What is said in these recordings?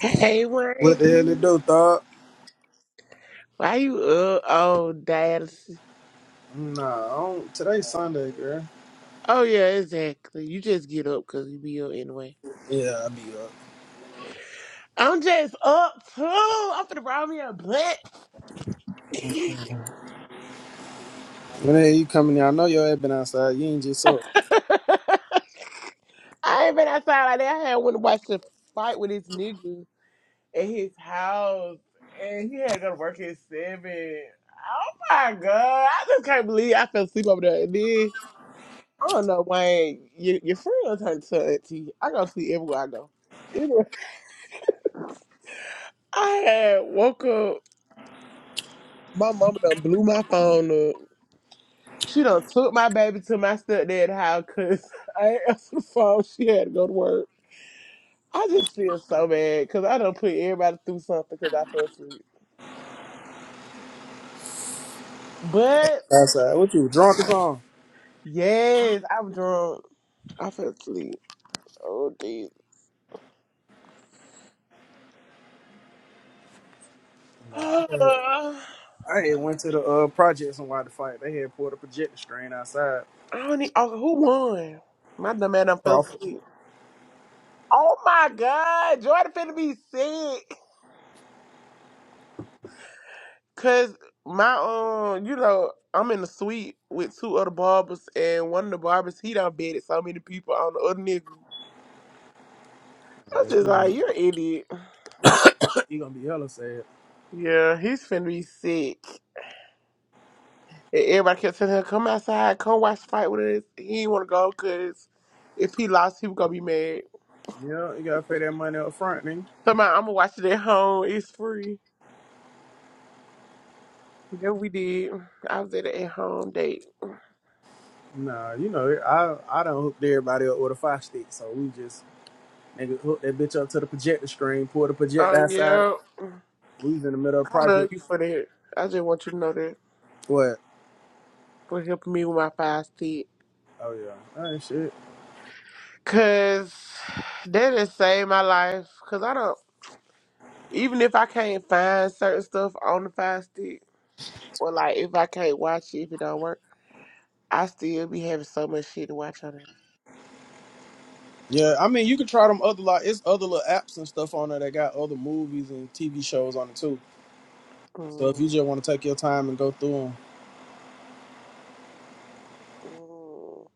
Hey, What the hell it Wayne. do, thought? Why you up all dialysis? Nah, I don't, today's Sunday, girl. Oh, yeah, exactly. You just get up because you be up anyway. Yeah, I be up. I'm just up too. I'm finna roll me a blunt. When the hell you coming in? I know your ass been outside. You ain't just up I ain't been outside like that. I had went to watch the fight with this nigga at his house, and he had to go to work at seven. Oh my god, I just can't believe I fell asleep over there. And then I don't know, Wayne. Your, your friend turned to auntie. I go to sleep everywhere I go. Anyway. I had woke up. My mama done blew my phone up. She done took my baby to my stepdad house because I ain't answer the phone. She had to go to work. I just feel so bad because I done put everybody through something because I fell asleep. But outside. What you drunk or something? yes, I'm drunk. I fell asleep. Oh, Jesus. Nah, I I had, I had went to the uh projects and watched the fight. They had pulled a projector strain outside. don't need. Oh, who won? My dumb man done fell Crawford. asleep. Oh my God. Jordan finna be sick. Cause my um, you know, I'm in the suite with two other barbers, and one of the barbers he done bedded so many people on the other nigga. I was Yeah, just you gonna like, be you're an idiot. you gonna be hella sad. Yeah, he's finna be sick. And everybody kept telling him, come outside, come watch the fight with us. He didn't want to go because if he lost, he was gonna be mad. Yeah, you gotta pay that money up front, nigga. So my, I'm gonna watch it at home. It's free. Yeah, we did. I was at an at home date. Nah, you know I I done hooked everybody up with a five stick, so we just nigga hooked that bitch up to the projector screen, pulled the Oh projector outside. yeah, We was in the middle of the I love project. you for that. I just want you to know that What? for helping me with my five stick. Oh yeah, that ain't shit. Cause that has saved my life. Cause I don't even if I can't find certain stuff on the fire stick, or like if I can't watch it if it don't work, I still be having so much shit to watch on it. Yeah, I mean you can try them other like it's other little apps and stuff on there that got other movies and TV shows on it too. So if mm you just want to take your time and go through them, mm.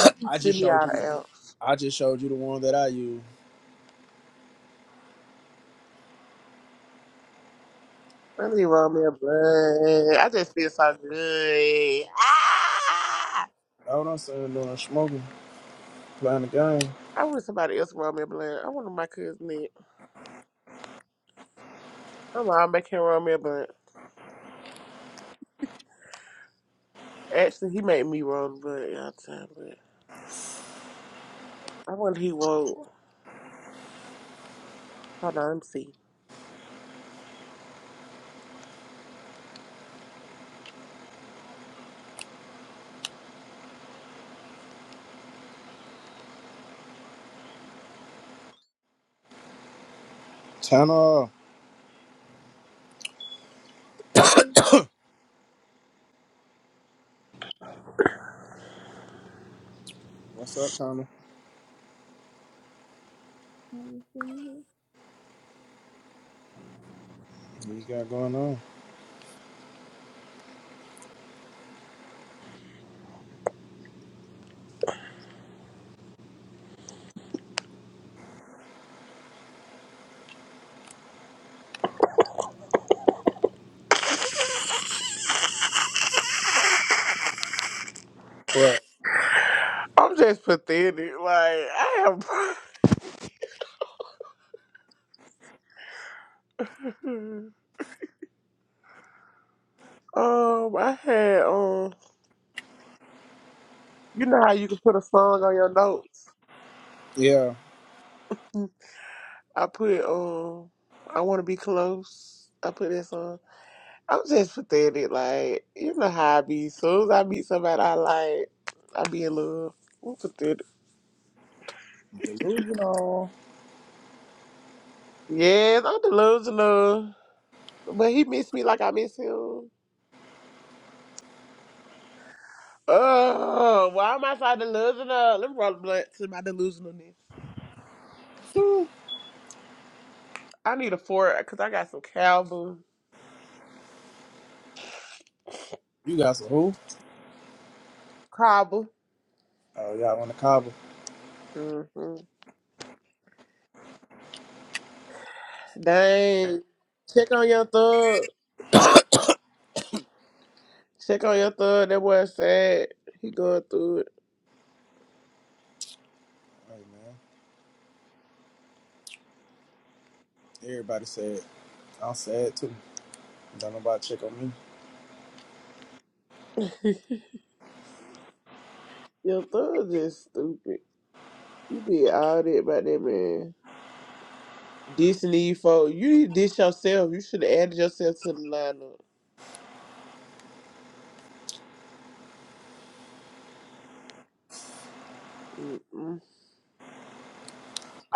You can I just send me showed out you. of else. I just showed you the one that I use. Let me roll me a blunt. I just feel so good. Ah! Hold on, son, doing smoking, playing the game. I wish somebody else roll me a blunt. I want my cousin. Nick. I'm all make him roll me a blunt. Actually, he made me roll a blunt y'all time, but I wonder he won't. Hold on, let me see. Tanner, Hey, what's up, Tanner? Jonathan. What you got going on? But I'm just pathetic. Like I have, um, I had um, you know how you can put a song on your notes. yeah, I put um, I want to be close. I put that song. I'm just pathetic. Like you know how I be. soon as I meet somebody I like, I be in love. I'm pathetic. delusional. Yes, I'm delusional. But he missed me like I miss him. Oh, why am I so delusional? Let me roll the blunt to my delusionalness. Hmm. I need a fork because I got some cowbell, you got some who? cobble. Oh y'all on the cobble. hmm Dang. Check on your thug. Check on your thug. That boy sad. He going through Hey man, everybody said I'm sad too. Don't nobody check on me. it. your thug just stupid. You did all that by that man. Dissing these folks. You need to diss yourself. You should have added yourself to the lineup. Mm-mm.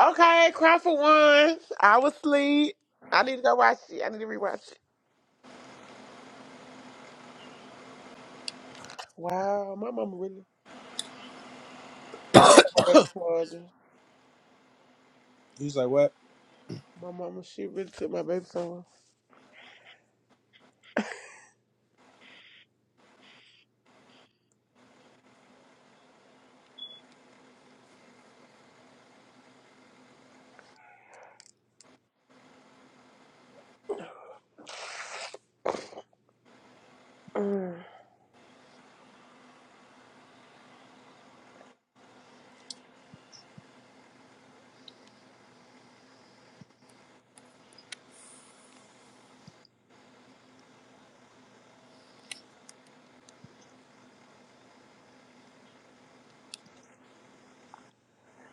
Okay, cry for one. I was asleep. I need to go watch it. I need to rewatch it. Wow, my mama really. Oh, she got my baby 200. He's like, what? My mama, she really took my baby somewhere. Mm.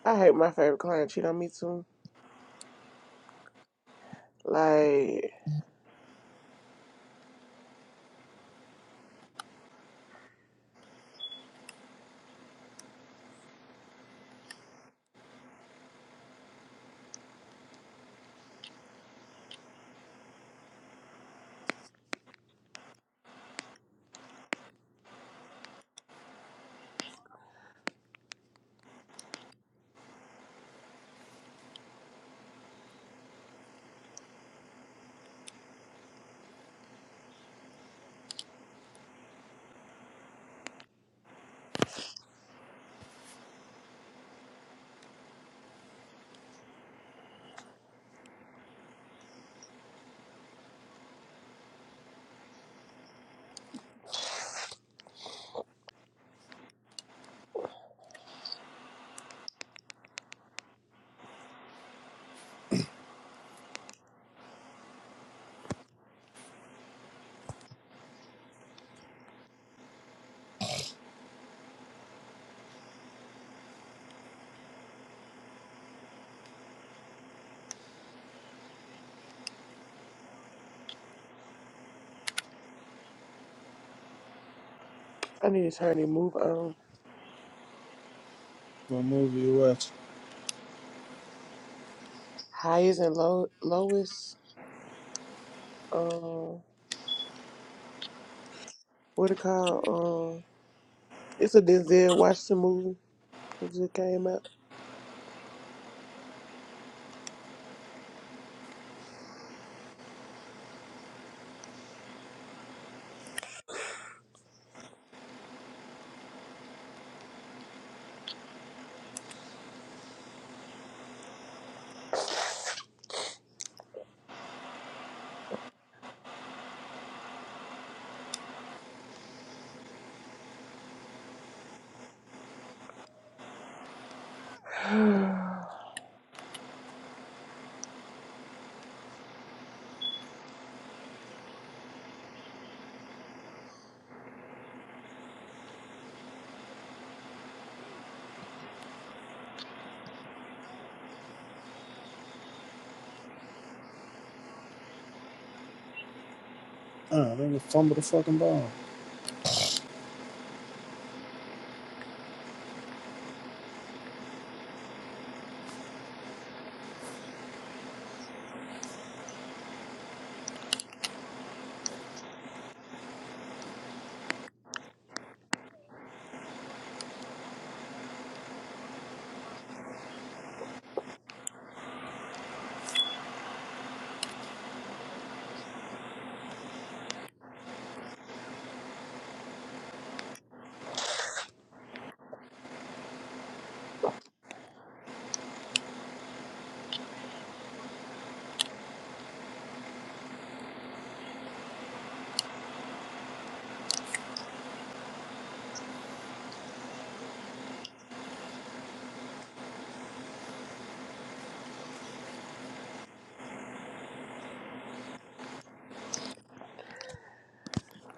I hate my favorite client cheat on me too. Like, I need to turn and move on. What movie you watch? Highest and low, lowest. Um, what it called? Um, it's a Denzel Washington movie that just came out. Uh, they just fumble the fucking ball.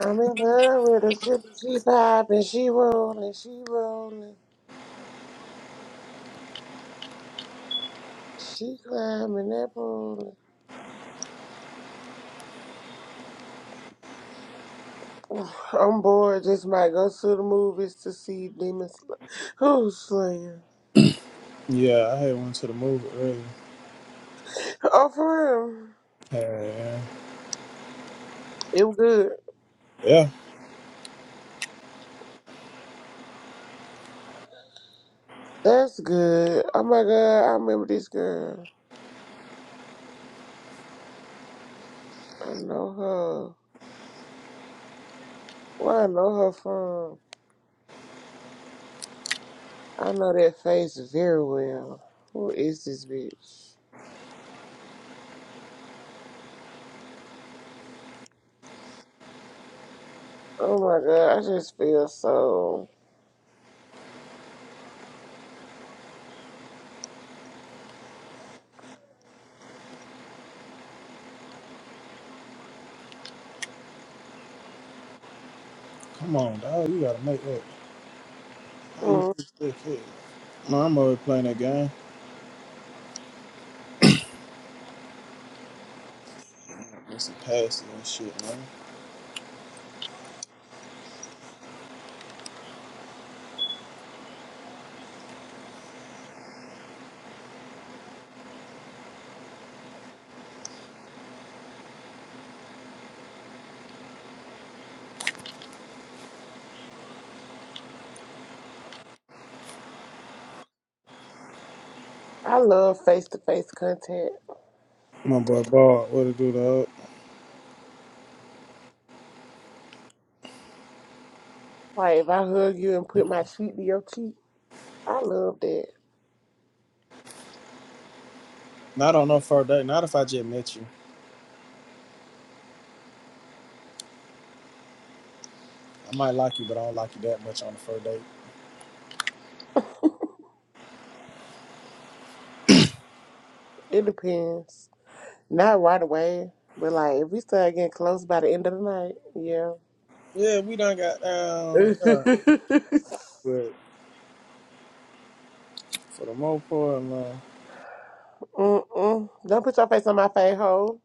I'm in love with her. She, she popping, she rolling, she rolling, she climbing that pole. I'm bored. Just might go to the movies to see Demon Sl- Who's Slayer. Yeah, I had one to the move, earlier. Oh, for real. Yeah, It was good. yeah. That's good. Oh my god, I remember this girl. I know her. Where I know her from? I know that face very well. Who is this bitch? Oh my god, I just feel so. Come on, dog. You gotta make that. How you Mm. fix that kid? No, I'm already playing that game. Get some passes and shit, man. I love face to face contact. My boy Ball, what it do, dog? Like if I hug you and put my cheek to your cheek, I love that. Not know no first date. Not if I just met you. I might like you, but I don't like you that much on the first date. It depends. Not right away, but like if we start getting close by the end of the night, Yeah, we done got down. Yeah. yeah. But for the most part, man, Mm-mm. Don't put your face on my face, ho.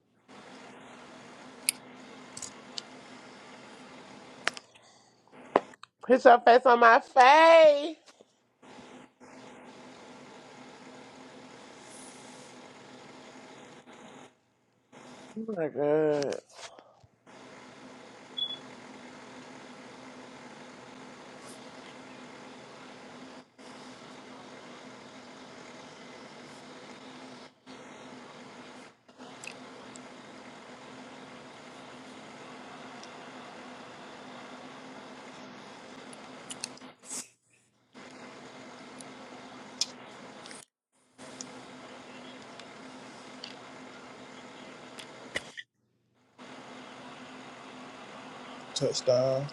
Put your face on my face. Oh my god. touchdown.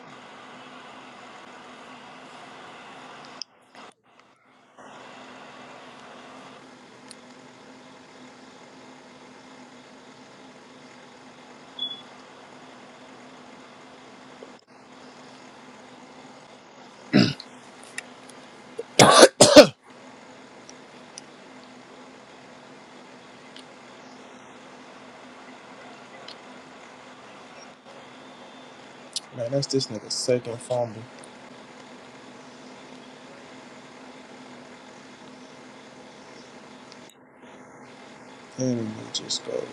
Man, that's this nigga's second fumble. And he just go.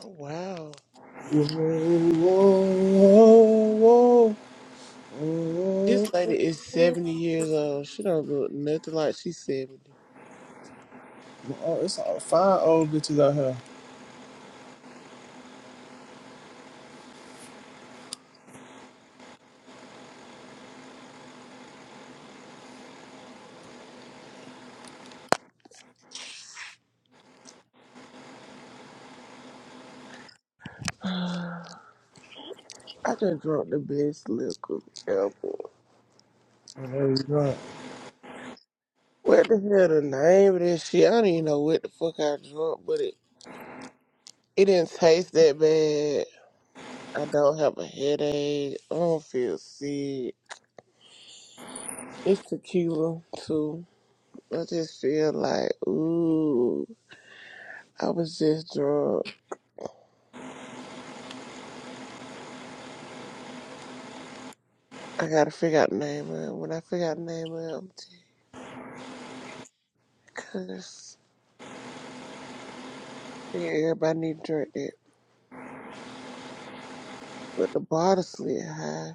Oh, wow. Whoa, whoa, whoa, whoa. This lady is 70 years old. She don't look nothing like she's 70. Oh, it's all five old bitches out here. I just drunk the best liquor ever. And they was drunk. What the hell the name of this shit? I don't even know what the fuck I drunk, but it, it didn't taste that bad. I don't have a headache. I don't feel sick. It's tequila, too. I just feel like, ooh. I was just drunk. I gotta figure out the name of it. When I figure out the name of it, I'm just cuss. Yeah, everybody need to drink that. But the bottle slid high.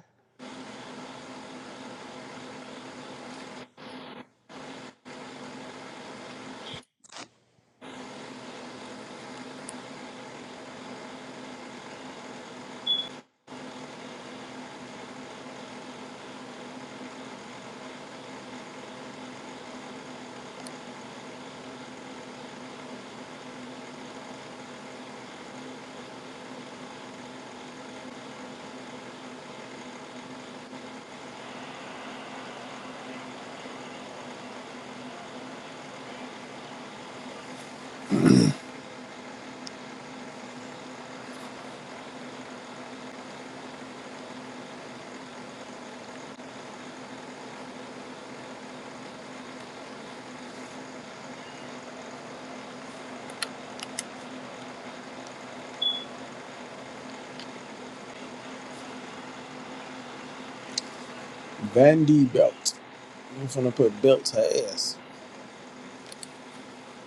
Vandy belt. I'm finna put belt to her ass.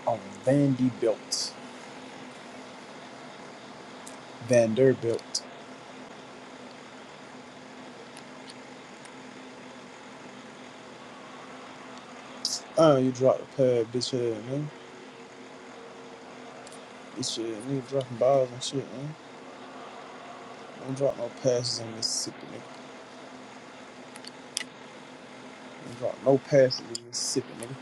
On Vandy belt. Vanderbilt. Uh, you dropped a pad, bitch ass, man. Bitch ass, nigga dropping balls and shit, man. Don't drop no passes in Mississippi, nigga. Don't drop no passes in Mississippi, nigga.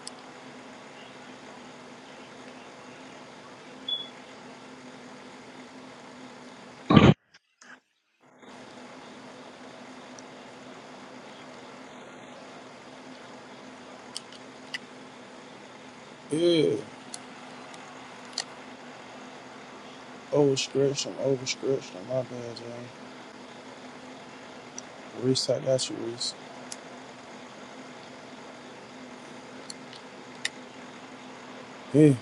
Yeah. Overstretched, I'm overstretched. I'm My bad, Jane. Reese, I got you, Reese. Yeah.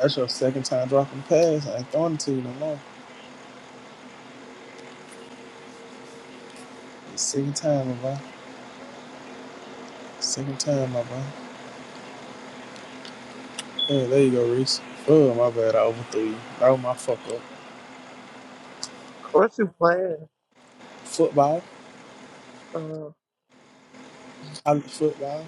That's your second time dropping pass. I ain't throwing it to you no more. Second time, my boy. Second time, my boy. Yeah, there you go, Reese. Oh, my bad. I overthrew you. That was my fuck up. What you playing? Football? Uh, College football?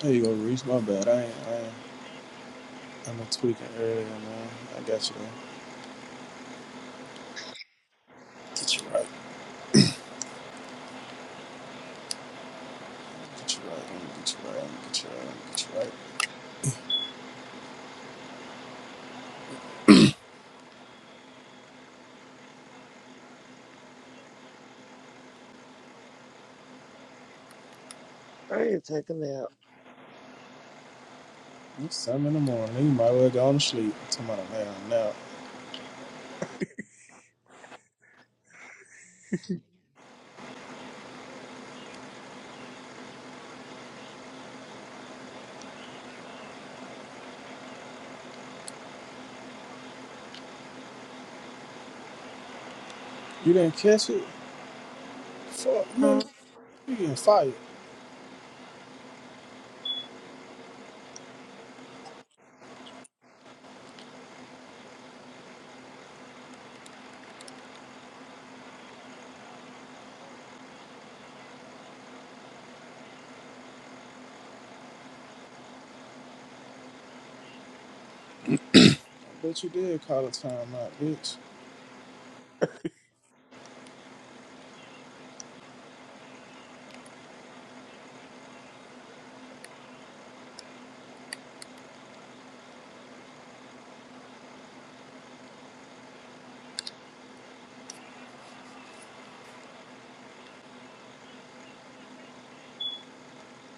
There you go, Reese. My bad. I ain't, I ain't. I'm a tweaking earlier, man. I got you, man. Get you right. Get you right. I'm gonna get you right. I'm gonna get you right. I'm gonna get you right. I need to take a nap. It's seven in the morning. You might well go to sleep. Tomorrow, man. Now, you didn't catch it? Fuck, man. Huh? You getting fired. I bet you did call a timeout, bitch.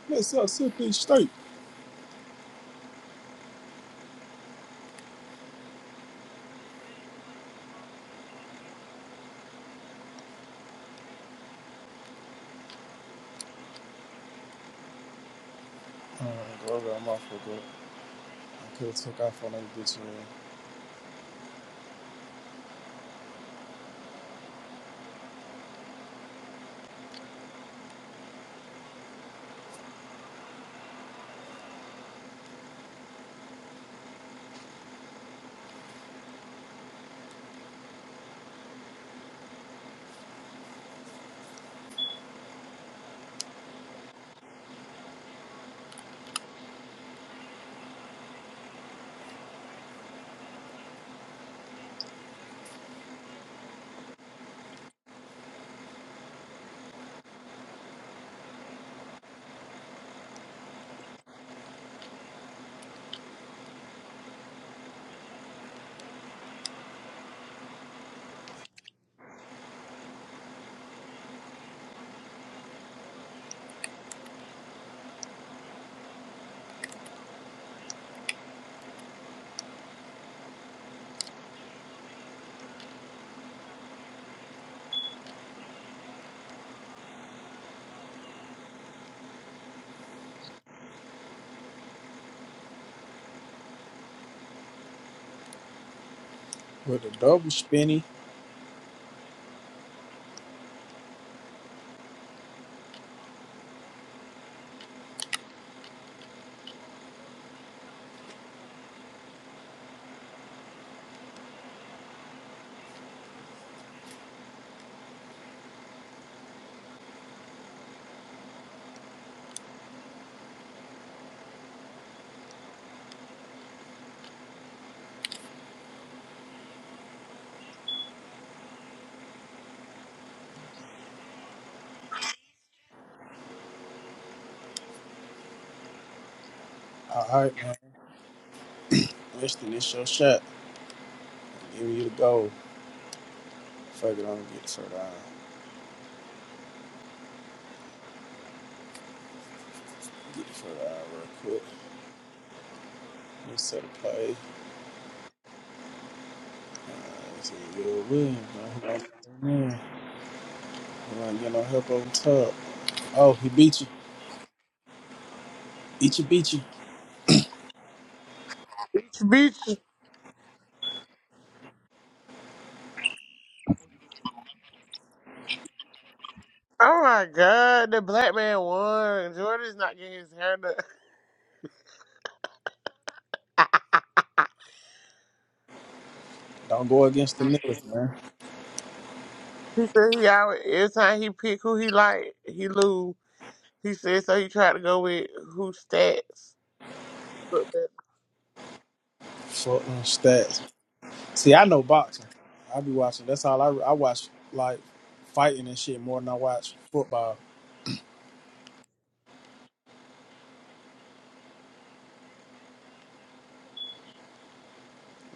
What's up, Sippy State? Uh, go over my motherfucker. I could have took off on that bitch man. With the double spinny. All right, man. Weston, it's your shot. Give me the goal. Fuck it, I'm gonna get the third eye. Get the third eye real quick. Let's set a play. Uh, let's see, Will Williams, man. Who gonna man? Who gonna get no help over top? Oh, he beat you. Beat you, beat you. Beach. Oh my god, the black man won. Jordan's not getting his hair done. Don't go against the niggas, man. he said he always, every time he pick who he like, he lose. He said so he tried to go with who stats. Look better. Fuck them stats, See, I know boxing. I be watching. That's all I I watch like fighting and shit more than I watch football.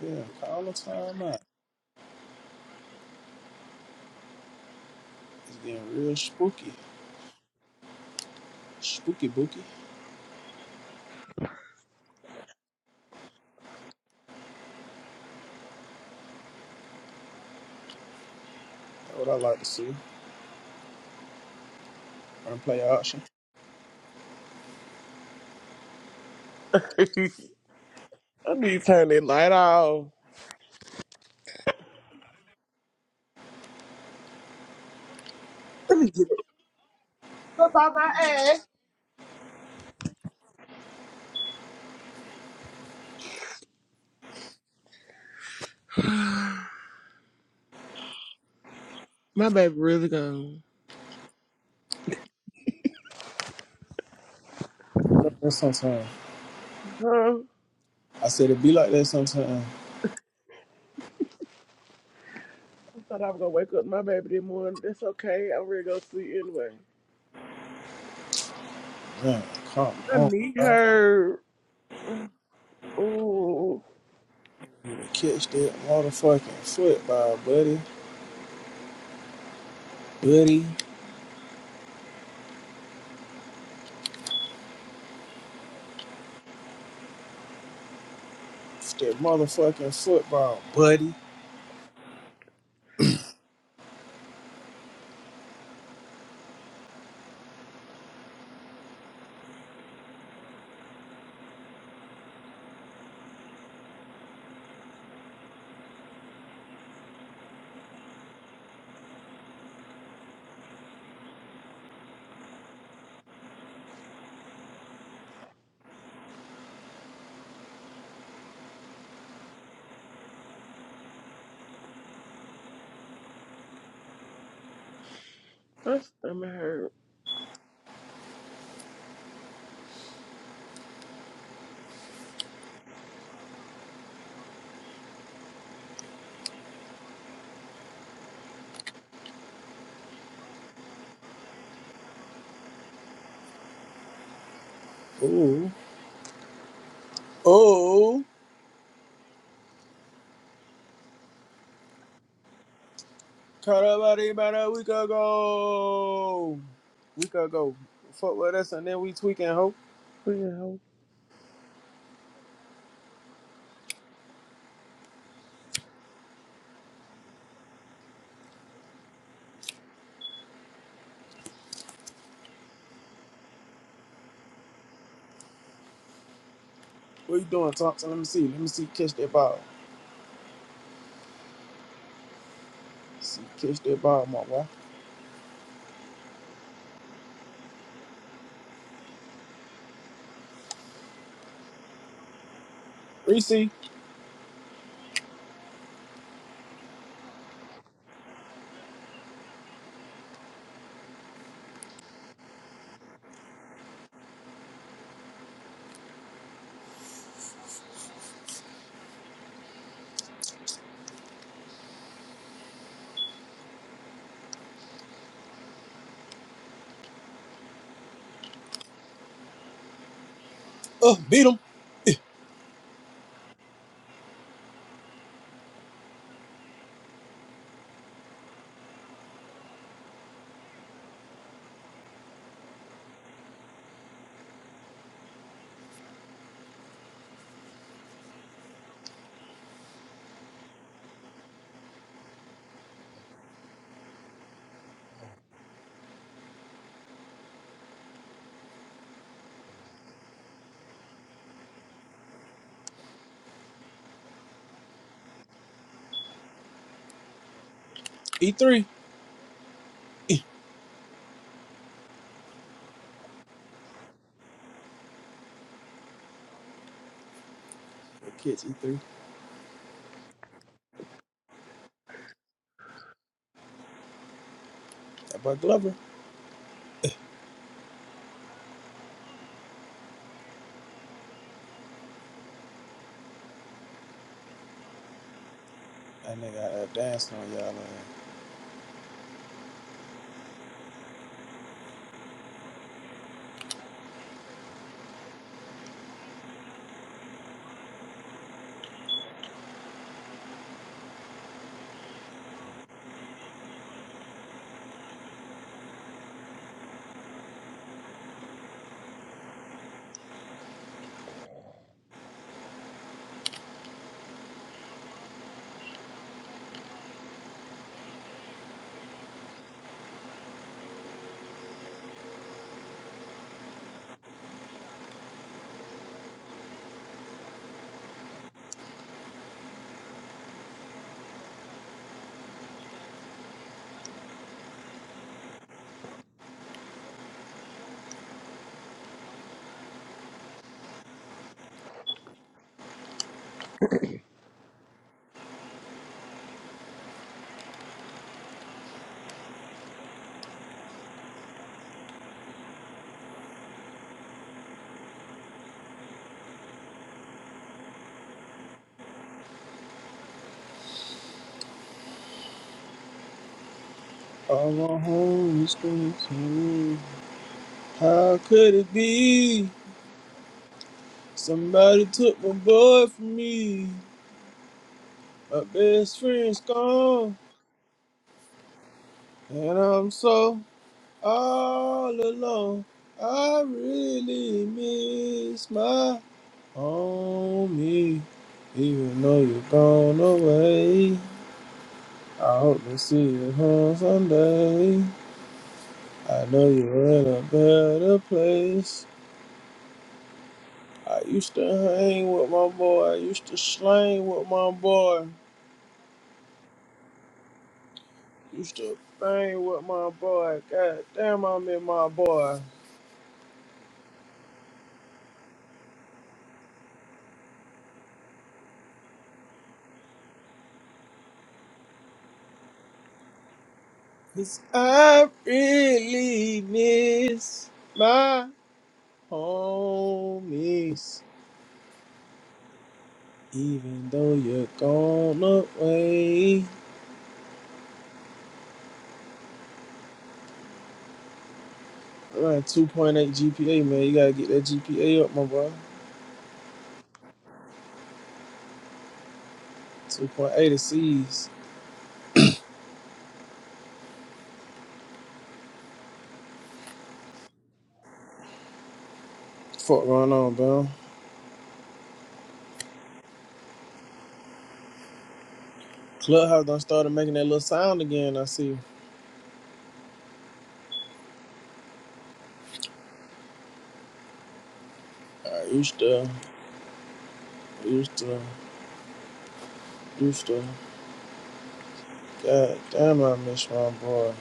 Yeah, all the time out. It's getting real spooky, spooky booky. That's what I like to see. Run play auction. I need to turn that light off. Look on my ass. My baby really gone. Like that sometime. Huh? I said it be like that sometime. I thought I was gonna wake up my baby this morning. That's okay. I'm ready to go sleep anyway. Man, come My on, knee bro. hurt. Ooh, You gotta catch that motherfucking football, buddy, buddy. It's that motherfucking football, buddy. my stomach hurt. Ooh, ooh. Karabari bara, we could go. We could go. Fuck with us and then we tweaking, ho. Well, What you doing, Thompson? Let me see. Let me see. Catch that ball. Let's see. Catch that ball, my boy. Reese. Oh, beat him. E3. E. Catch E3. That boy Glover. That nigga uh, dancing on y'all. All on home is How could it be? Somebody took my boy from me. My best friend's gone. And I'm so All alone, I really miss my homie. Even though you're gone away, I hope to see you home someday. I know you're in a better place. I used to hang with my boy, I used to slang with my boy, used to bang with my boy. God damn, I miss my boy. 'Cause I really miss. Homies, even though you're gone away. I got a 2.8 GPA, man. You gotta get that GPA up, my boy. 2.8 to C's. Fuck going on, bro? Clubhouse done started making that little sound again, I see. I used to, used to, used to. God damn, I miss my boy.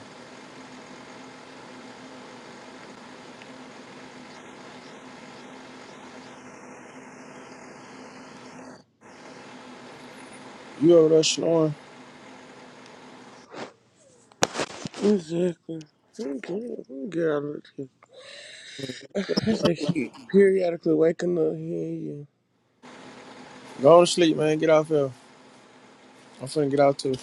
You over there snoring? exactly. I'm good. I'm good. I just keep periodically waking up here. Go to sleep, man. Get off here. I'm finna get out too.